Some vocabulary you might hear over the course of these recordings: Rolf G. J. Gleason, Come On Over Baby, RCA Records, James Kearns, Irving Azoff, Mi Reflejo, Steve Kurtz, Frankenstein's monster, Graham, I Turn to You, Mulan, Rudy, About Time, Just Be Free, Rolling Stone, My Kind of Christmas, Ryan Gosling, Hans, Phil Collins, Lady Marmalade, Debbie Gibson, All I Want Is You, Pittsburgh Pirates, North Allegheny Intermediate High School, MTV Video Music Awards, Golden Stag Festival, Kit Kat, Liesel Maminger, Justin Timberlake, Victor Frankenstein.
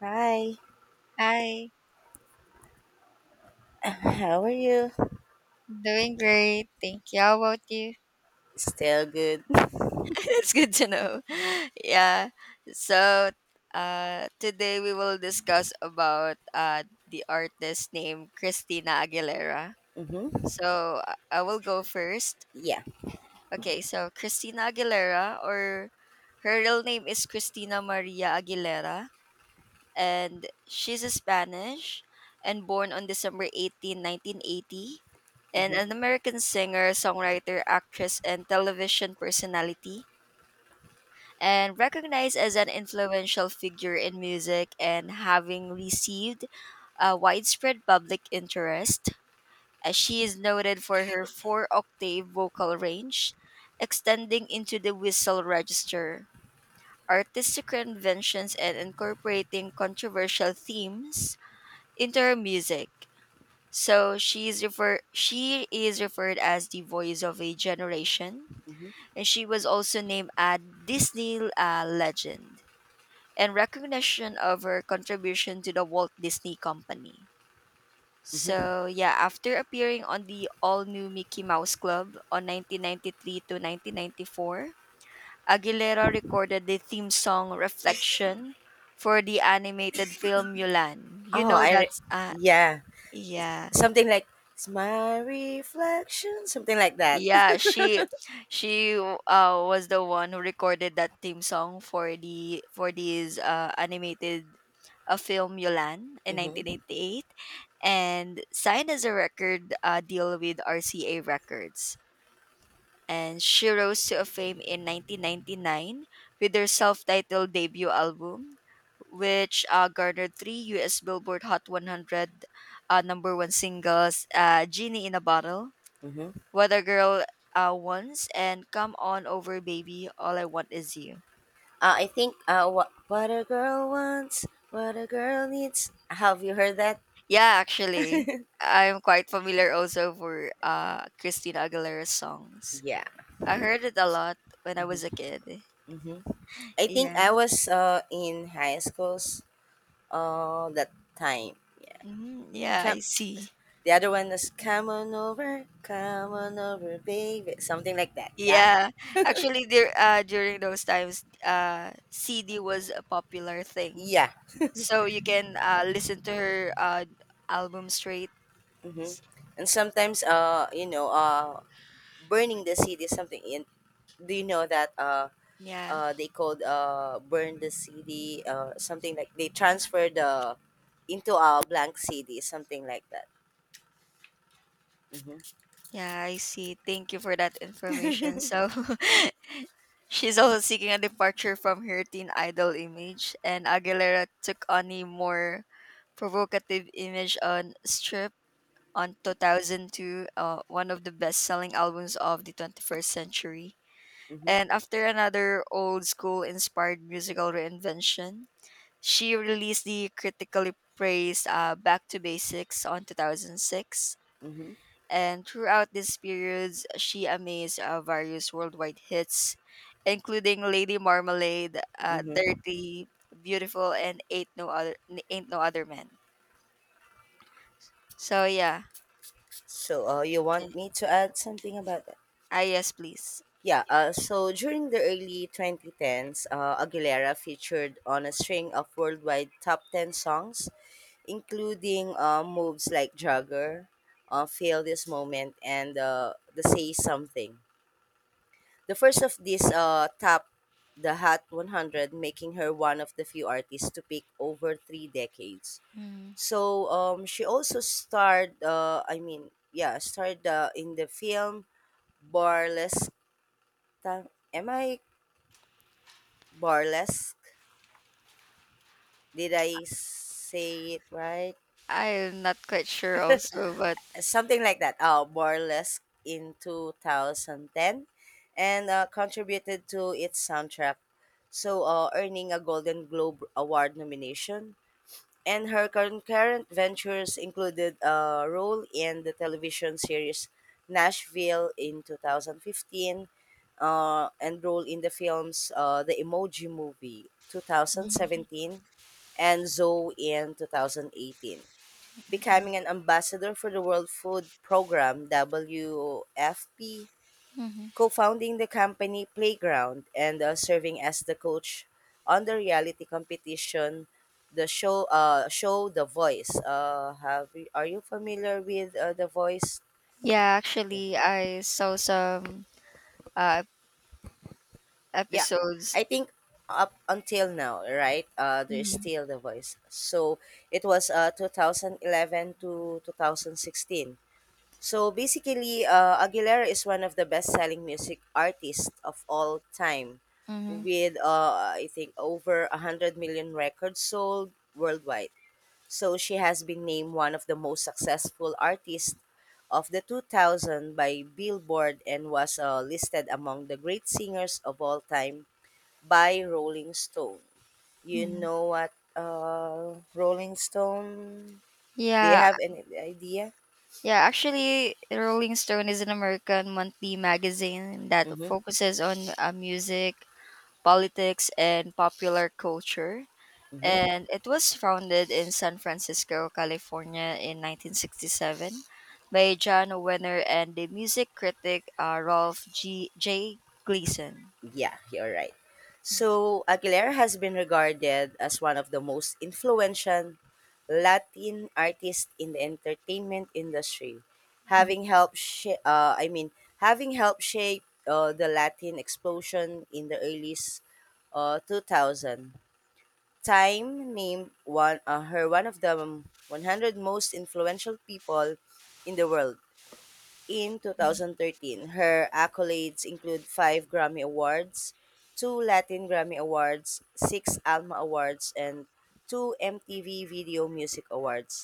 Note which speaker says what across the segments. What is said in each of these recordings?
Speaker 1: Hi.
Speaker 2: Hi,
Speaker 1: How are you?
Speaker 2: doing great. Thank you. How about you?
Speaker 1: Still good.
Speaker 2: That's good to know. Yeah. So today we will discuss about the artist named Christina Aguilera.
Speaker 1: Mm-hmm.
Speaker 2: So I will go first.
Speaker 1: Yeah.
Speaker 2: Okay, so Christina Aguilera, or her real name is Christina Maria Aguilera, and she's a Spanish and born on December 18, 1980, and
Speaker 1: Mm-hmm.
Speaker 2: an American singer, songwriter, actress, and television personality, and recognized as an influential figure in music and having received a widespread public interest. As she is noted for her four octave vocal range, extending into the whistle register artistic conventions and incorporating controversial themes into her music. So she is referred as the voice of a generation,
Speaker 1: Mm-hmm.
Speaker 2: and she was also named a Disney legend in recognition of her contribution to the Walt Disney Company.
Speaker 1: Mm-hmm.
Speaker 2: So yeah, after appearing on the all-new Mickey Mouse Club on 1993 to 1994, Aguilera recorded the theme song "Reflection" for the animated film Mulan. You
Speaker 1: Oh,
Speaker 2: know that's,
Speaker 1: yeah.
Speaker 2: yeah.
Speaker 1: Something like it's my reflection. Something like that.
Speaker 2: Yeah, she she uh was the one who recorded that theme song for these animated film Yolan in
Speaker 1: Mm-hmm.
Speaker 2: 1988, and signed as a record deal with RCA Records. And she rose to fame in 1999 with her self-titled debut album, which garnered three U.S. Billboard Hot 100 number one singles: "Genie in a Bottle,"
Speaker 1: Mm-hmm.
Speaker 2: What a Girl Wants, and Come On Over Baby, All I Want Is You.
Speaker 1: I think what a girl wants, what a girl needs. Have you heard that?
Speaker 2: Yeah, actually, I'm quite familiar also for Christina Aguilera's songs.
Speaker 1: Yeah.
Speaker 2: I heard it a lot when I was a
Speaker 1: Mm-hmm.
Speaker 2: kid.
Speaker 1: Mm-hmm. I think
Speaker 2: Yeah.
Speaker 1: I was in high schools that time. Yeah.
Speaker 2: Yeah, I
Speaker 1: Come
Speaker 2: see.
Speaker 1: The other one is come on over, baby. Something like that. Yeah?
Speaker 2: Yeah, actually, there during those times, CD was a popular thing,
Speaker 1: Yeah.
Speaker 2: so you can listen to her album straight.
Speaker 1: Hmm.
Speaker 2: S-
Speaker 1: And sometimes, burning the CD is something. Do you know that
Speaker 2: Yeah,
Speaker 1: they called burn the CD or something like they transfer the into a blank CD, something like that. Mm-hmm.
Speaker 2: yeah, I see. Thank you for that information. So, she's also seeking a departure from her teen idol image, and Aguilera took on a more provocative image on Strip on 2002, one of the best selling albums of the 21st century.
Speaker 1: Mm-hmm.
Speaker 2: And after another old school inspired musical reinvention, she released the critically praised Back to Basics on 2006,
Speaker 1: Mm-hmm.
Speaker 2: and throughout these periods, she amazed various worldwide hits, including Lady Marmalade,
Speaker 1: Mm-hmm.
Speaker 2: Dirty, Beautiful, and Ain't No Other Man. So yeah,
Speaker 1: So, you
Speaker 2: can,
Speaker 1: want me to add something about that?
Speaker 2: ah, yes, please.
Speaker 1: Yeah, so during the early 2010s, Aguilera featured on a string of worldwide top 10 songs, including moves like Jagger, Feel This Moment, and the Say Something. The first of these topped the Hot 100, making her one of the few artists to peak over 3 decades.
Speaker 2: Mm.
Speaker 1: So she also starred, I mean, yeah, starred in the film Burlesque. Am I burlesque. Did I say it right?
Speaker 2: I'm not quite sure also, but
Speaker 1: Something like that. Oh, burlesque in 2010 and contributed to its soundtrack. So, earning a Golden Globe Award nomination, and her concurrent ventures included a role in the television series Nashville in 2015, and role in the films The Emoji Movie
Speaker 2: hmm
Speaker 1: 2017 and Zoe in 2018, becoming an ambassador for the World Food Program WFP, co-founding the company Playground, and serving as the coach on the reality competition the show show The Voice. Are you familiar with The Voice?
Speaker 2: yeah,
Speaker 1: Yeah.
Speaker 2: actually, I saw some uh,
Speaker 1: Yeah.
Speaker 2: episodes.
Speaker 1: I think up until now, right? There's still The Voice. So it was 2011 to 2016. So basically, Aguilera is one of the best-selling music artists of all time,
Speaker 2: Mm-hmm.
Speaker 1: with I think over 100 million records sold worldwide. So she has been named one of the most successful artists of the 2000 by Billboard and was listed among the great singers of all time by Rolling Stone. You
Speaker 2: hmm
Speaker 1: know what, Rolling Stone? Do you
Speaker 2: Yeah,
Speaker 1: have any idea?
Speaker 2: yeah, actually, Rolling Stone is an American monthly magazine that
Speaker 1: Mm-hmm.
Speaker 2: focuses on music, politics, and popular culture.
Speaker 1: Mm-hmm.
Speaker 2: And it was founded in San Francisco, California in 1967 by John Wenner and the music critic, Rolf G. J. Gleason.
Speaker 1: Yeah, you're right. So, Aguilera has been regarded as one of the most influential Latin artists in the entertainment industry, I mean, having helped shape the Latin explosion in the early 2000. Time named one her one of the 100 most influential people in the world. In
Speaker 2: Mhm.
Speaker 1: 2013, her accolades include five Grammy Awards, two Latin Grammy Awards, six Alma Awards, and two MTV Video Music Awards,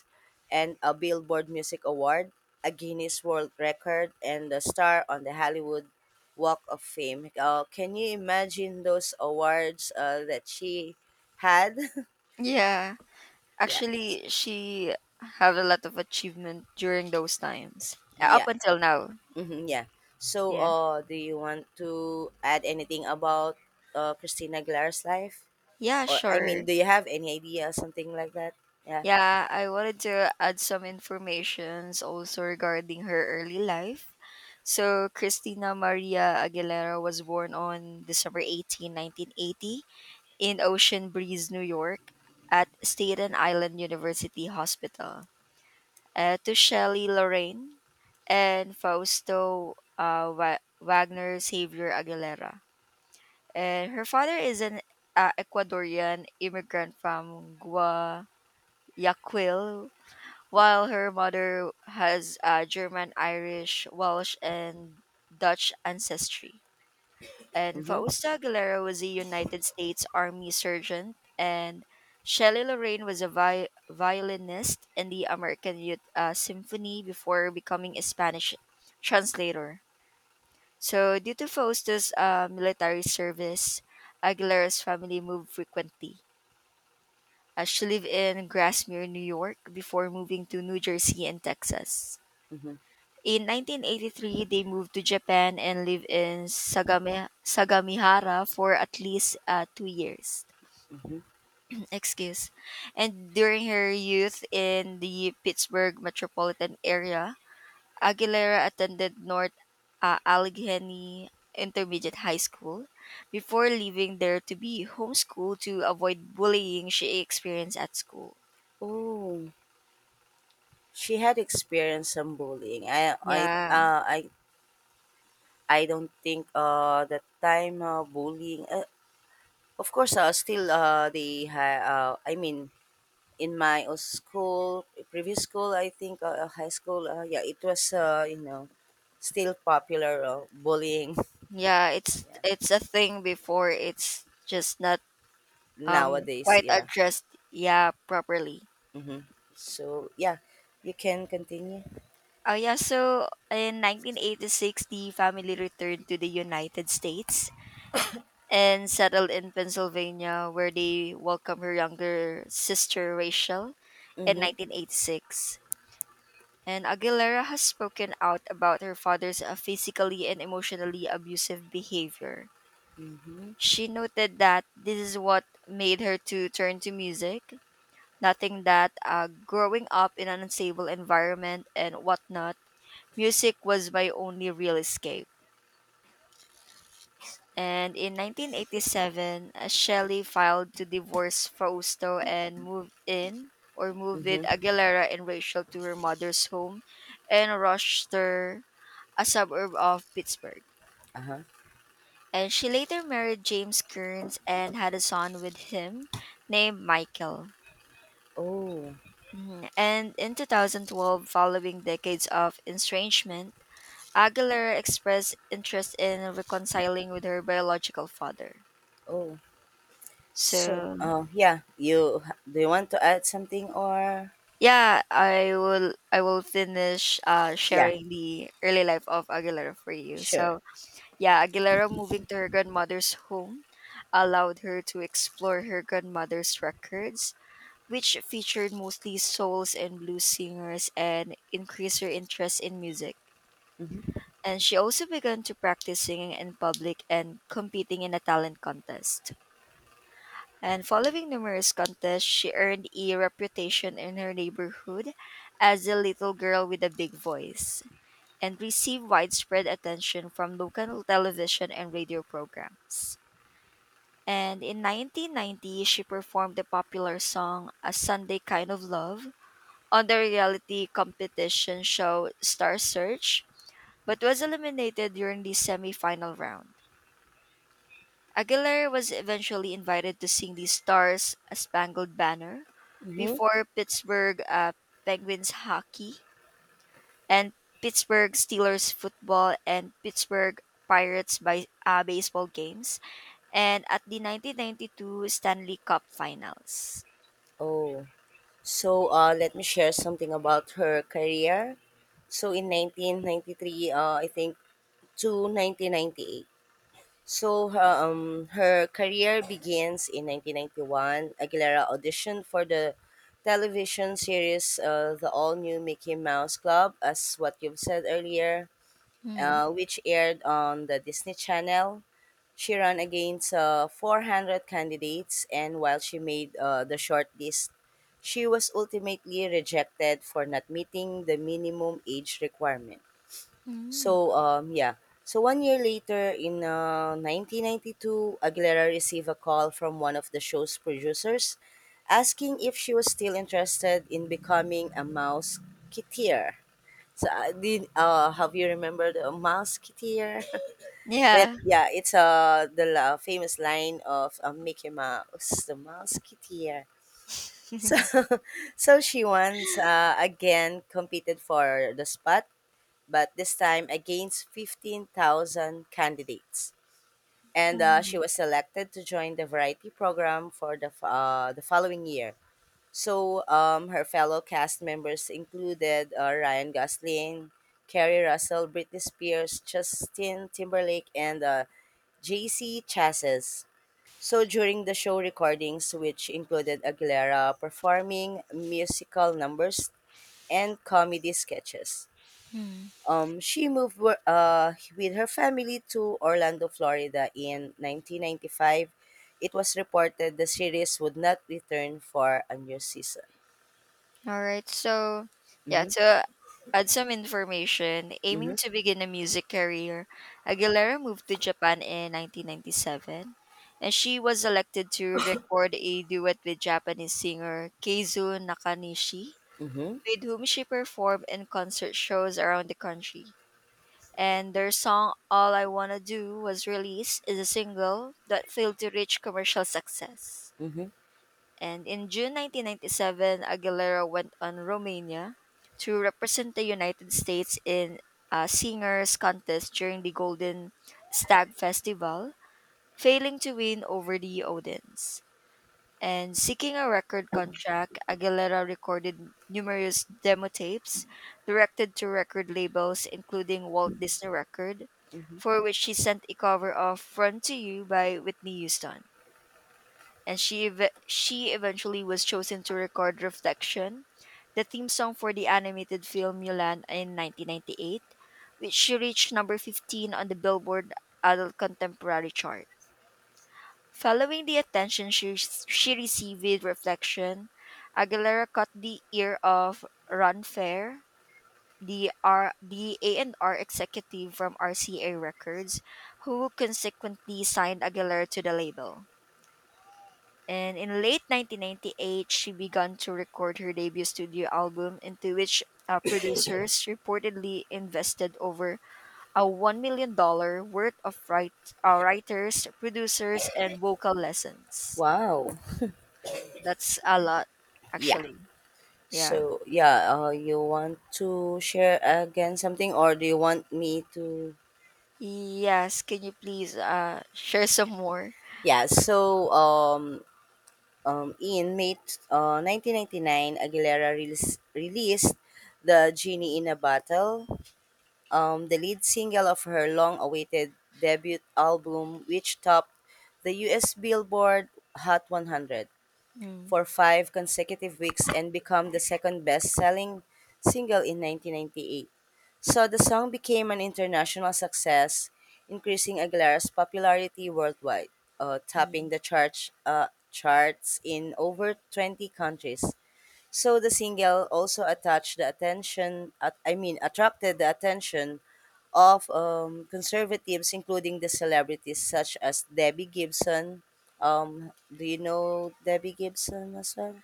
Speaker 1: and a Billboard Music Award, a Guinness World Record, and a star on the Hollywood Walk of Fame. Can you imagine those awards that she had?
Speaker 2: Yeah,
Speaker 1: Yeah,
Speaker 2: actually, she had a lot of achievement during those times, up
Speaker 1: yeah.
Speaker 2: until now.
Speaker 1: Mhm, yeah. So,
Speaker 2: Yeah.
Speaker 1: do you want to add anything about Christina Aguilera's life?
Speaker 2: Yeah,
Speaker 1: Or, I
Speaker 2: sure.
Speaker 1: mean, do you have any idea, something like that? Yeah.
Speaker 2: Yeah, I wanted to add some informations also regarding her early life. So, Christina Maria Aguilera was born on December 18, 1980 in Ocean Breeze, New York at Staten Island University Hospital, to Shelley Lorraine and Fausto, Wagner Xavier Aguilera. And her father is an Ecuadorian immigrant from Guayaquil, while her mother has German, Irish, Welsh, and Dutch ancestry. And
Speaker 1: Mm-hmm,
Speaker 2: Fausta Aguilera was a United States Army sergeant, and Shelley Lorraine was a violinist in the American Youth Symphony before becoming a Spanish translator. So, due to Fausta's military service, Aguilera's family moved frequently. She lived in Grasmere, New York, before moving to New Jersey and Texas.
Speaker 1: mm-hmm,
Speaker 2: In 1983, they moved to Japan and lived in Sagamihara for at least 2 years.
Speaker 1: mm-hmm.
Speaker 2: Excuse. And during her youth in the Pittsburgh metropolitan area, Aguilera attended North Allegheny Intermediate High School before leaving there to be homeschooled to avoid bullying she experienced at school.
Speaker 1: Oh, she had experienced some bullying.
Speaker 2: Yeah.
Speaker 1: Uh, I, I don't think that time bullying. Of course, still I mean in my school, previous school, I think high school, yeah, it was, still popular bullying.
Speaker 2: Yeah, it's
Speaker 1: Yeah.
Speaker 2: it's a thing before, it's just not
Speaker 1: Nowadays.
Speaker 2: quite
Speaker 1: Yeah.
Speaker 2: addressed, yeah, properly.
Speaker 1: Mm-hmm. So yeah, you can continue.
Speaker 2: Yeah, so in 1986, the family returned to the United States and settled in Pennsylvania, where they welcomed her younger sister Rachel in
Speaker 1: Mm-hmm.
Speaker 2: 1986. And Aguilera has spoken out about her father's physically and emotionally abusive behavior. She noted that this is what made her to turn to music, nothing that growing up in an unstable environment and whatnot, music was my only real escape. And in 1987, Shelley filed to divorce Fausto and moved in, or moved with
Speaker 1: Mm-hmm.
Speaker 2: Aguilera and Rachel to her mother's home in Rochester, a suburb of Pittsburgh.
Speaker 1: Uh-huh.
Speaker 2: And she later married James Kearns and had a son with him named Michael.
Speaker 1: Oh,
Speaker 2: Mhm. And in 2012, following decades of estrangement, Aguilera expressed interest in reconciling with her biological father.
Speaker 1: oh. So,
Speaker 2: So
Speaker 1: yeah, you do you want to add something or
Speaker 2: yeah, I will finish
Speaker 1: yeah,
Speaker 2: sharing the early life of Aguilera for you.
Speaker 1: sure.
Speaker 2: So yeah, Aguilera moving to her grandmother's home allowed her to explore her grandmother's records, which featured mostly souls and blues singers, and increased her interest in music.
Speaker 1: Mm-hmm.
Speaker 2: And she also began to practice singing in public and competing in a talent contest. And following numerous contests, she earned a reputation in her neighborhood as the little girl with a big voice, and received widespread attention from local television and radio programs. And in 1990, she performed the popular song A Sunday Kind of Love on the reality competition show Star Search, but was eliminated during the semifinal round. Aguilera was eventually invited to sing the Stars Spangled Banner
Speaker 1: Mm-hmm.
Speaker 2: before Pittsburgh Penguins hockey, and Pittsburgh Steelers football, and Pittsburgh Pirates by, baseball games, and at the 1992 Stanley Cup Finals.
Speaker 1: Oh, so let me share something about her career. So in 1993, I think to 1998. So her career begins in 1991. Aguilera auditioned for the television series The All New Mickey Mouse Club, as what you've said earlier,
Speaker 2: Hmm.
Speaker 1: which aired on the Disney Channel. She ran against 400 candidates, and while she made the short list, she was ultimately rejected for not meeting the minimum age requirement.
Speaker 2: Mm.
Speaker 1: So, yeah. So one year later, in 1992, Aguilera received a call from one of the show's producers asking if she was still interested in becoming a mouseketeer. So, have you remembered a mouseketeer?
Speaker 2: Yeah.
Speaker 1: Yeah, it's the famous line of Mickey Mouse, the mouseketeer. So, so she once again competed for the spot but this time against 15,000 candidates. And
Speaker 2: Mm.
Speaker 1: she was selected to join the variety program for the following year. So her fellow cast members included Ryan Gosling, Kerry Russell, Britney Spears, Justin Timberlake, and JC Chasses. So during the show recordings, which included Aguilera performing musical numbers and comedy sketches.
Speaker 2: Hmm.
Speaker 1: She moved with her family to Orlando, Florida in 1995. It was reported the series would not return for a new season.
Speaker 2: All right. So, yeah,
Speaker 1: Mm-hmm,
Speaker 2: to add some information,
Speaker 1: mm-hmm,
Speaker 2: aiming to begin a music career, Aguilera moved to Japan in 1997, and she was elected to record a duet with Japanese singer Keizu Nakanishi,
Speaker 1: mm-hmm,
Speaker 2: with whom she performed in concert shows around the country. And their song All I Wanna Do was released as a single that failed to reach commercial success.
Speaker 1: mm-hmm,
Speaker 2: And in June 1997, Aguilera went on Romania to represent the United States in a singers contest during the Golden Stag Festival, failing to win over the audience. And seeking a record contract, Aguilera recorded numerous demo tapes directed to record labels, including Walt Disney Record,
Speaker 1: mm-hmm.
Speaker 2: for which she sent a cover of Run to You by Whitney Houston, and she eventually was chosen to record Reflection, the theme song for the animated film Mulan in 1998, which reached number 15 on the Billboard Adult Contemporary chart. Following the attention she received with Reflection, Aguilera caught the ear of Ron Fair, the A&R executive from RCA Records, who consequently signed Aguilera to the label. And in late 1998, she began to record her debut studio album, into which producers reportedly invested over a $1 million dollars worth of writers, producers, and vocal lessons.
Speaker 1: Wow.
Speaker 2: That's a lot,
Speaker 1: Yeah.
Speaker 2: actually. Yeah.
Speaker 1: So, yeah, you want to share again something or do you want me to?
Speaker 2: Yes, can you please share some more?
Speaker 1: Yeah, so in May 1999, Aguilera released The Genie in a Bottle, the lead single of her long-awaited debut album, which topped the U.S. Billboard Hot 100
Speaker 2: Mm,
Speaker 1: for 5 consecutive weeks and became the second best-selling single in 1998. So the song became an international success, increasing Aguilera's popularity worldwide,
Speaker 2: mm.
Speaker 1: topping the charts in over 20 countries. So the single also attached the attention, at, I mean, attracted the attention of conservatives, including the celebrities such as Debbie Gibson. Do you know Debbie Gibson as well?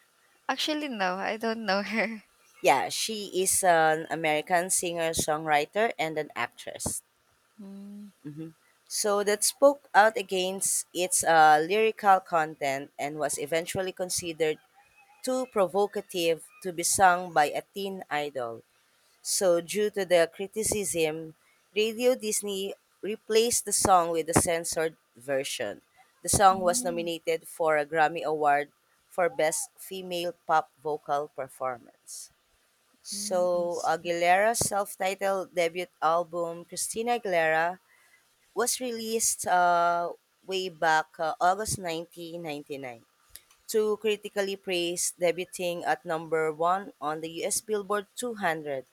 Speaker 2: Actually, no, I don't know her.
Speaker 1: Yeah, she is an American singer, songwriter, and an actress.
Speaker 2: Mm,
Speaker 1: Hmm. So that spoke out against its lyrical content and was eventually considered too provocative to be sung by a teen idol. So, due to the criticism, Radio Disney replaced the song with a censored version. The song was
Speaker 2: mm,
Speaker 1: nominated for a Grammy Award for Best Female Pop Vocal Performance.
Speaker 2: mm, I
Speaker 1: So,
Speaker 2: see.
Speaker 1: Aguilera's self titled debut album, Christina Aguilera, was released way back August 1999, to critically praised, debuting at number one on the US Billboard 200.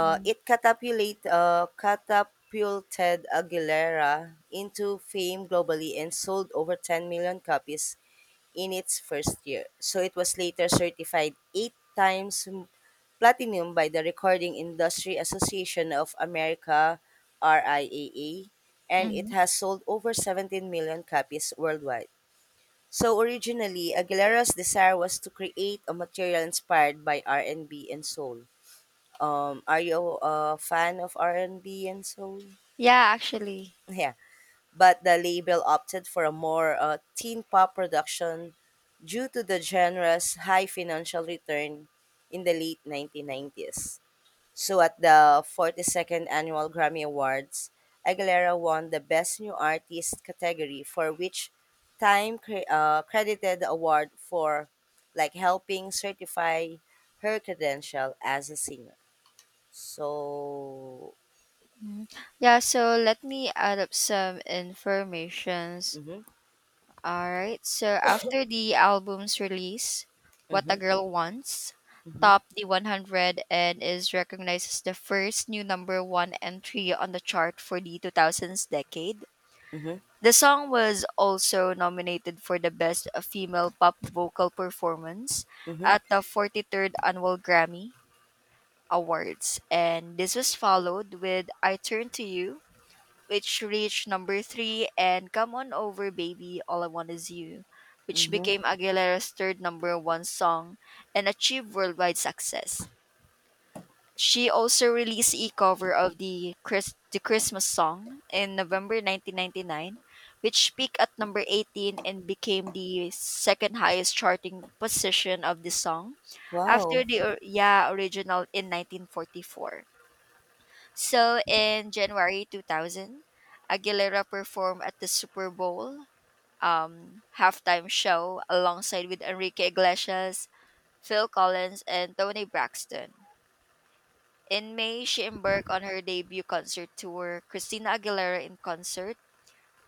Speaker 2: No.
Speaker 1: it catapulted Aguilera into fame globally and sold over 10 million copies in its first year. So it was later certified eight times platinum by the Recording Industry Association of America (RIAA), and it
Speaker 2: Mhm.
Speaker 1: has sold over 17 million copies worldwide. So originally, Aguilera's desire was to create a material inspired by R&B and B and soul. Are you a fan of R&B and B and soul?
Speaker 2: Yeah, actually.
Speaker 1: Yeah, but the label opted for a more teen pop production due to the genre's high financial return in the late 1990s. So at the 42nd Annual Grammy Awards, Aguilera won the Best New Artist category for which Time credited the award for like helping certify her credential as a singer. So.
Speaker 2: Mhm. Yeah, so let me add up some informations.
Speaker 1: Mhm.
Speaker 2: All right. So after the album's release, What a
Speaker 1: Mhm.
Speaker 2: Girl Wants
Speaker 1: Mhm.
Speaker 2: topped the 100 and is recognized as the first new number one entry on the chart for the 2000s decade.
Speaker 1: Mhm.
Speaker 2: The song was also nominated for the Best Female Pop Vocal Performance
Speaker 1: Mhm.
Speaker 2: at the 43rd Annual Grammy Awards. And this was followed with I Turn to You, which reached number three, and Come On Over Baby, All I Want Is You, which
Speaker 1: Mhm.
Speaker 2: became Aguilera's third number one song and achieved worldwide success. She also released a cover of the Christmas song in November 1999, which peaked at number 18 and became the second highest charting position of the song, after
Speaker 1: Wow.
Speaker 2: yeah, original in 1944. So in January 2000, Aguilera performed at the Super Bowl halftime show alongside with Enrique Iglesias, Phil Collins, and Tony Braxton. In May, she embarked on her debut concert tour, Christina Aguilera in Concert,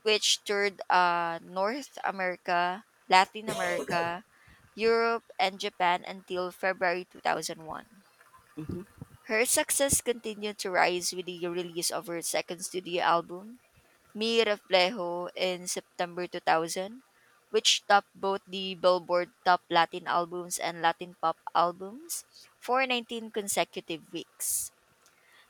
Speaker 2: which toured North America, Latin America, Europe, and Japan until February 2001.
Speaker 1: Mhm.
Speaker 2: Her success continued to rise with the release of her second studio album, Mi Reflejo, in September 2000, which topped both the Billboard Top Latin Albums and Latin Pop Albums for 19 consecutive weeks.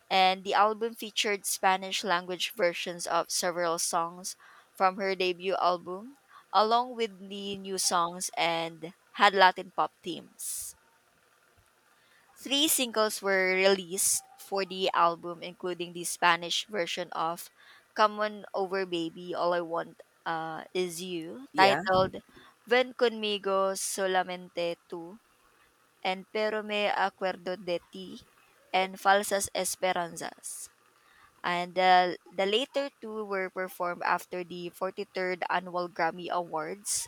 Speaker 2: And the album featured Spanish language versions of several songs from her debut album, along with the new songs, and had Latin pop themes. Three singles were released for the album, including the Spanish version of Come On Over Baby, All I Want Is You,
Speaker 1: Yeah.
Speaker 2: titled Ven Conmigo Solamente Tú, and Pero Me Acuerdo de Ti, and Falsas Esperanzas. And the later two were performed after the 43rd Annual Grammy Awards,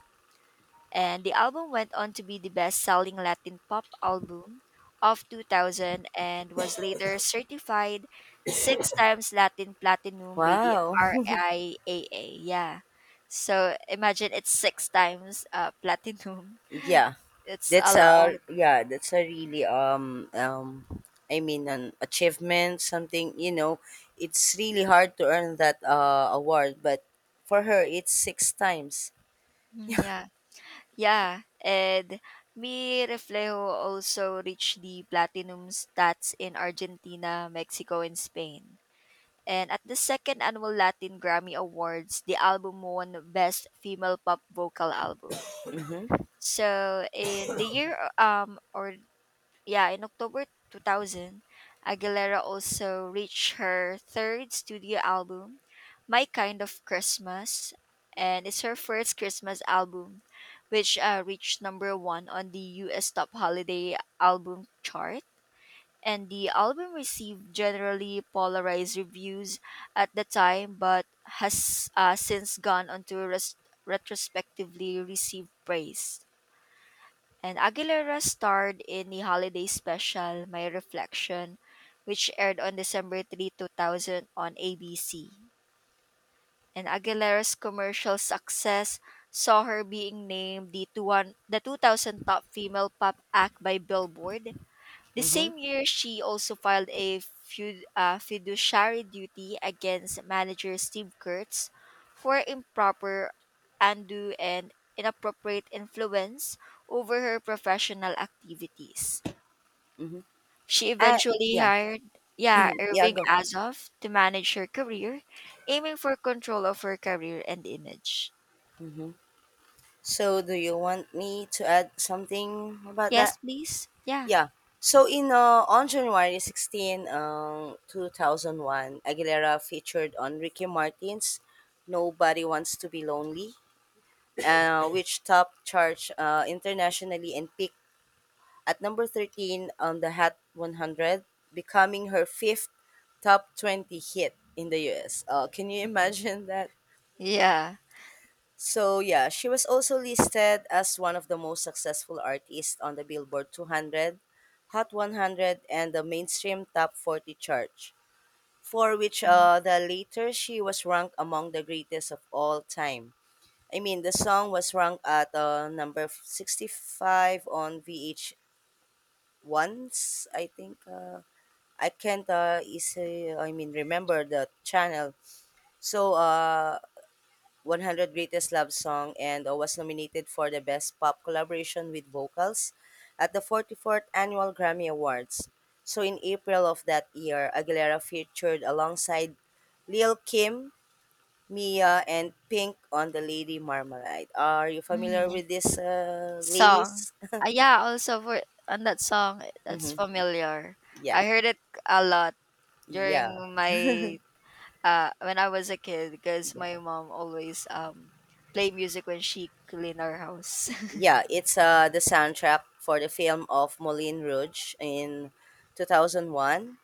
Speaker 2: and the album went on to be the best-selling Latin pop album of 2000, and was later certified six times Latin platinum by the
Speaker 1: Wow.
Speaker 2: RIAA. Yeah. So imagine it's six times, platinum.
Speaker 1: Yeah.
Speaker 2: It's a
Speaker 1: That's a
Speaker 2: lot.
Speaker 1: yeah. That's a really I mean, an achievement. Something. It's really hard to earn that award, but for her, it's six times.
Speaker 2: Mm, yeah. Yeah. And Mi Reflejo also reached the platinum stats in Argentina, Mexico, and Spain. And at the second annual Latin Grammy Awards, the album won Best Female Pop Vocal Album.
Speaker 1: Mhm.
Speaker 2: So in the year or yeah, in October 2000, Aguilera also reached her third studio album, My Kind of Christmas, and it's her first Christmas album which reached number 1 on the US Top Holiday Album chart. And the album received generally polarized reviews at the time, but has since gone on to retrospectively receive praise. And Aguilera starred in the holiday special My Reflection, which aired on December 3, 2000 on ABC. And Aguilera's commercial success saw her being named the, two one, the 2000 top female pop act by Billboard. The
Speaker 1: Mhm.
Speaker 2: same year, she also filed a fiduciary duty against manager Steve Kurtz for improper, undue, and inappropriate influence over her professional activities.
Speaker 1: Mhm.
Speaker 2: She
Speaker 1: I
Speaker 2: eventually
Speaker 1: yeah,
Speaker 2: hired, yeah,
Speaker 1: yeah,
Speaker 2: Irving
Speaker 1: go.
Speaker 2: Azoff to manage her career, aiming for control of her career and image.
Speaker 1: So, do you want me to add something about
Speaker 2: Yes,
Speaker 1: that?
Speaker 2: please. Yeah.
Speaker 1: Yeah. So in on January 16, 2001, Aguilera featured on Ricky Martin's Nobody Wants to Be Lonely, which top charge internationally and peaked at number 13 on the Hot 100, becoming her fifth top 20 hit in the US. Can you imagine that?
Speaker 2: Yeah.
Speaker 1: So yeah, she was also listed as one of the most successful artists on the Billboard 200, Hot 100, and the mainstream Top 40 chart, for which the later she was ranked among the greatest of all time. I mean, the song was ranked at number 65 on VH1's, I think. I can't I mean, remember the channel. So, 100 Greatest Love Song and was nominated for the Best Pop Collaboration with Vocals at the 44th Annual Grammy Awards. So in April of that year, Aguilera featured alongside Lil Kim, Mia, and Pink on the Lady Marmalade. Are you familiar
Speaker 2: Mm,
Speaker 1: with these
Speaker 2: Song.
Speaker 1: ladies?
Speaker 2: Ah, yeah, also for on that song, that's
Speaker 1: Mm-hmm.
Speaker 2: familiar.
Speaker 1: Yeah,
Speaker 2: I heard it a lot
Speaker 1: yeah,
Speaker 2: during my when I was a kid, because
Speaker 1: yeah,
Speaker 2: my mom always play music when she clean our house.
Speaker 1: yeah. It's the soundtrack for the film of Moulin Rouge in 2001.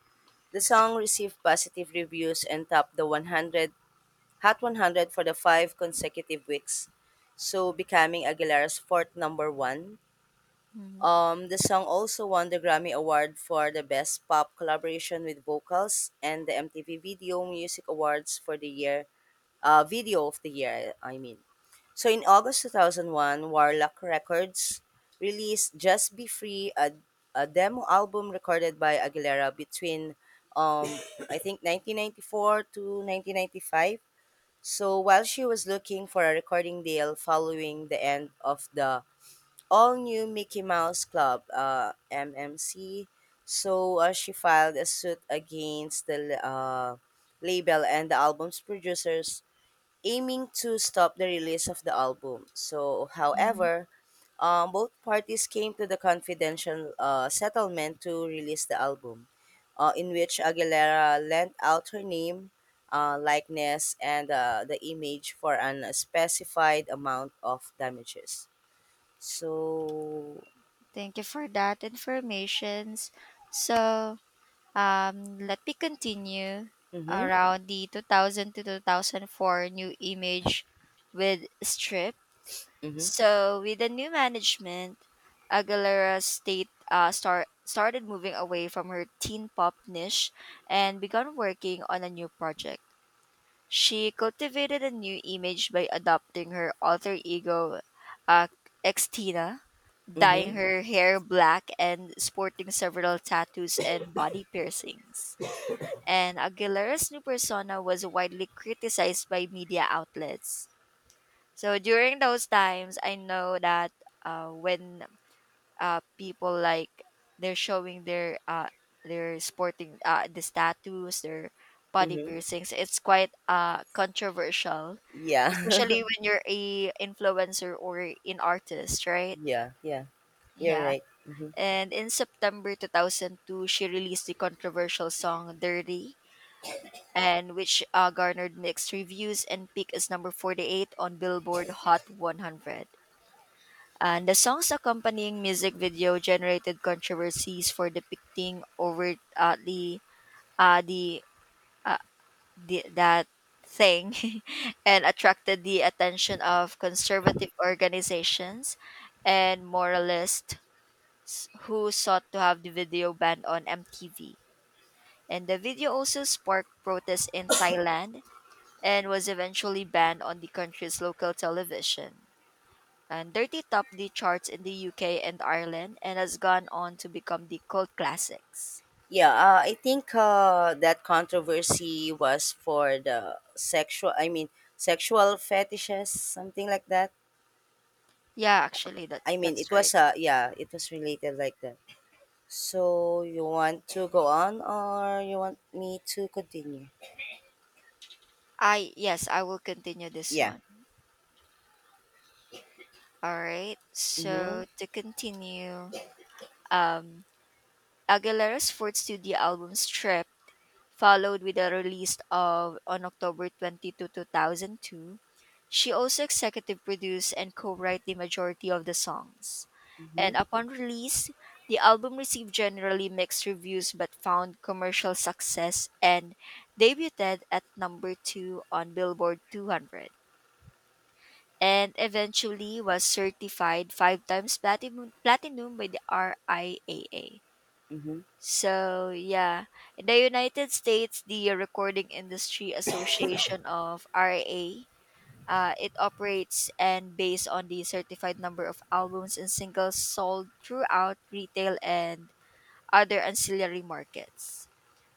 Speaker 1: The song received positive reviews and topped the 100 Hot 100 for the five consecutive weeks, so becoming Aguilera's fourth number one.
Speaker 2: Mhm.
Speaker 1: The song also won the Grammy Award for the Best Pop Collaboration with Vocals and the MTV Video Music Awards for the year, Video of the Year, I mean. So in August 2001, Warlock Records released Just Be Free, a demo album recorded by Aguilera between um I think 1994 to 1995. So while she was looking for a recording deal following the end of the all new Mickey Mouse Club, MMC, so she filed a suit against the label and the album's producers, aiming to stop the release of the album. So,
Speaker 2: Mhm.
Speaker 1: however, both parties came to the confidential settlement to release the album, in which Aguilera lent out her name, likeness, and the image for an specified amount of damages. So,
Speaker 2: Thank you for that informations. So, let me continue
Speaker 1: mm-hmm,
Speaker 2: around the 2000 to 2004 new image with Strip.
Speaker 1: mm-hmm,
Speaker 2: So, with the new management, Aguilera started moving away from her teen pop niche and began working on a new project. She cultivated a new image by adopting her alter ego, uh, Xtina, dyeing
Speaker 1: mm-hmm,
Speaker 2: her hair black and sporting several tattoos and body piercings. And Aguilera's new persona was widely criticized by media outlets. So during those times, I know that, when people, like, they're showing their sporting, the tattoos, their body
Speaker 1: mm-hmm.
Speaker 2: piercings, it's quite controversial,
Speaker 1: Yeah,
Speaker 2: especially when you're a influencer or an artist, right?
Speaker 1: yeah, yeah, you're
Speaker 2: Yeah.
Speaker 1: right. Mm-hmm.
Speaker 2: And in September 2002, she released the controversial song Dirty, and which garnered mixed reviews and peaked as number 48 on Billboard Hot 100. And the song's accompanying music video generated controversies for depicting overtly uh, the, uh, the that thing, and attracted the attention of conservative organizations and moralists who sought to have the video banned on MTV. And the video also sparked protests in Thailand and was eventually banned on the country's local television. And Dirty topped the charts in the UK and Ireland and has gone on to become the cult classics.
Speaker 1: Yeah, I think that controversy was for the sexual. I mean, sexual fetishes, something like that.
Speaker 2: Yeah, actually that
Speaker 1: I mean,
Speaker 2: that's
Speaker 1: it
Speaker 2: right.
Speaker 1: was yeah, it was related like that. So you want to go on, or you want me to continue?
Speaker 2: I Yes, I will continue this
Speaker 1: Yeah.
Speaker 2: one. All right.
Speaker 1: Mhm.
Speaker 2: So to continue, um Aguilera's fourth studio album Strip followed with the release of on October 22, 2002. She also executive produced and co-wrote the majority of the songs.
Speaker 1: Mhm.
Speaker 2: And upon release, the album received generally mixed reviews but found commercial success, and debuted at number 2 on Billboard 200, and eventually was certified 5 times platinum by the RIAA.
Speaker 1: Mhm.
Speaker 2: So, yeah, in the United States, the Recording Industry Association of RA, it operates and based on the certified number of albums and singles sold throughout retail and other ancillary markets.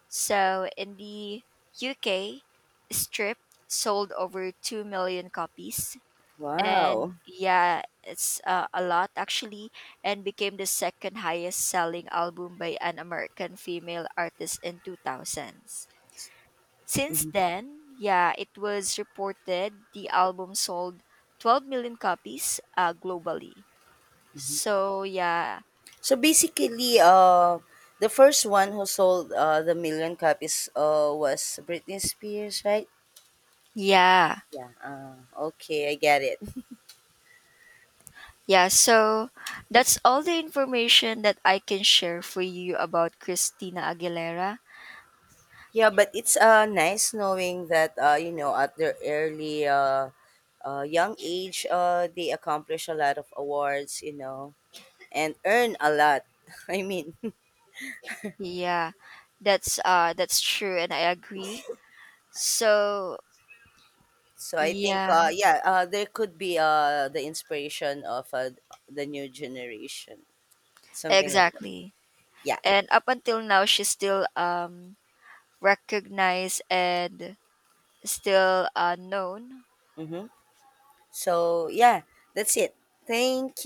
Speaker 2: So, in the UK, Strip sold over 2 million copies,
Speaker 1: Wow.
Speaker 2: and yeah, it's a lot, actually, and became the second highest selling album by an American female artist in 2000s. Since
Speaker 1: Mhm.
Speaker 2: then, yeah, it was reported the album sold 12 million copies globally. So yeah.
Speaker 1: So basically, the first one who sold the million copies was Britney Spears, right?
Speaker 2: Yeah,
Speaker 1: Yeah. Okay, I get it.
Speaker 2: yeah, so that's all the information that I can share for you about Christina Aguilera.
Speaker 1: Yeah, but it's nice knowing that at their early young age they accomplish a lot of awards, and earn a lot. I mean,
Speaker 2: Yeah, that's true, and I agree. So,
Speaker 1: so I think
Speaker 2: yeah,
Speaker 1: yeah, there could be the inspiration of the new generation, something like that.
Speaker 2: exactly.
Speaker 1: Yeah.
Speaker 2: And up until now, she's still recognized and still known
Speaker 1: Mhm. So yeah, that's it. Thank you.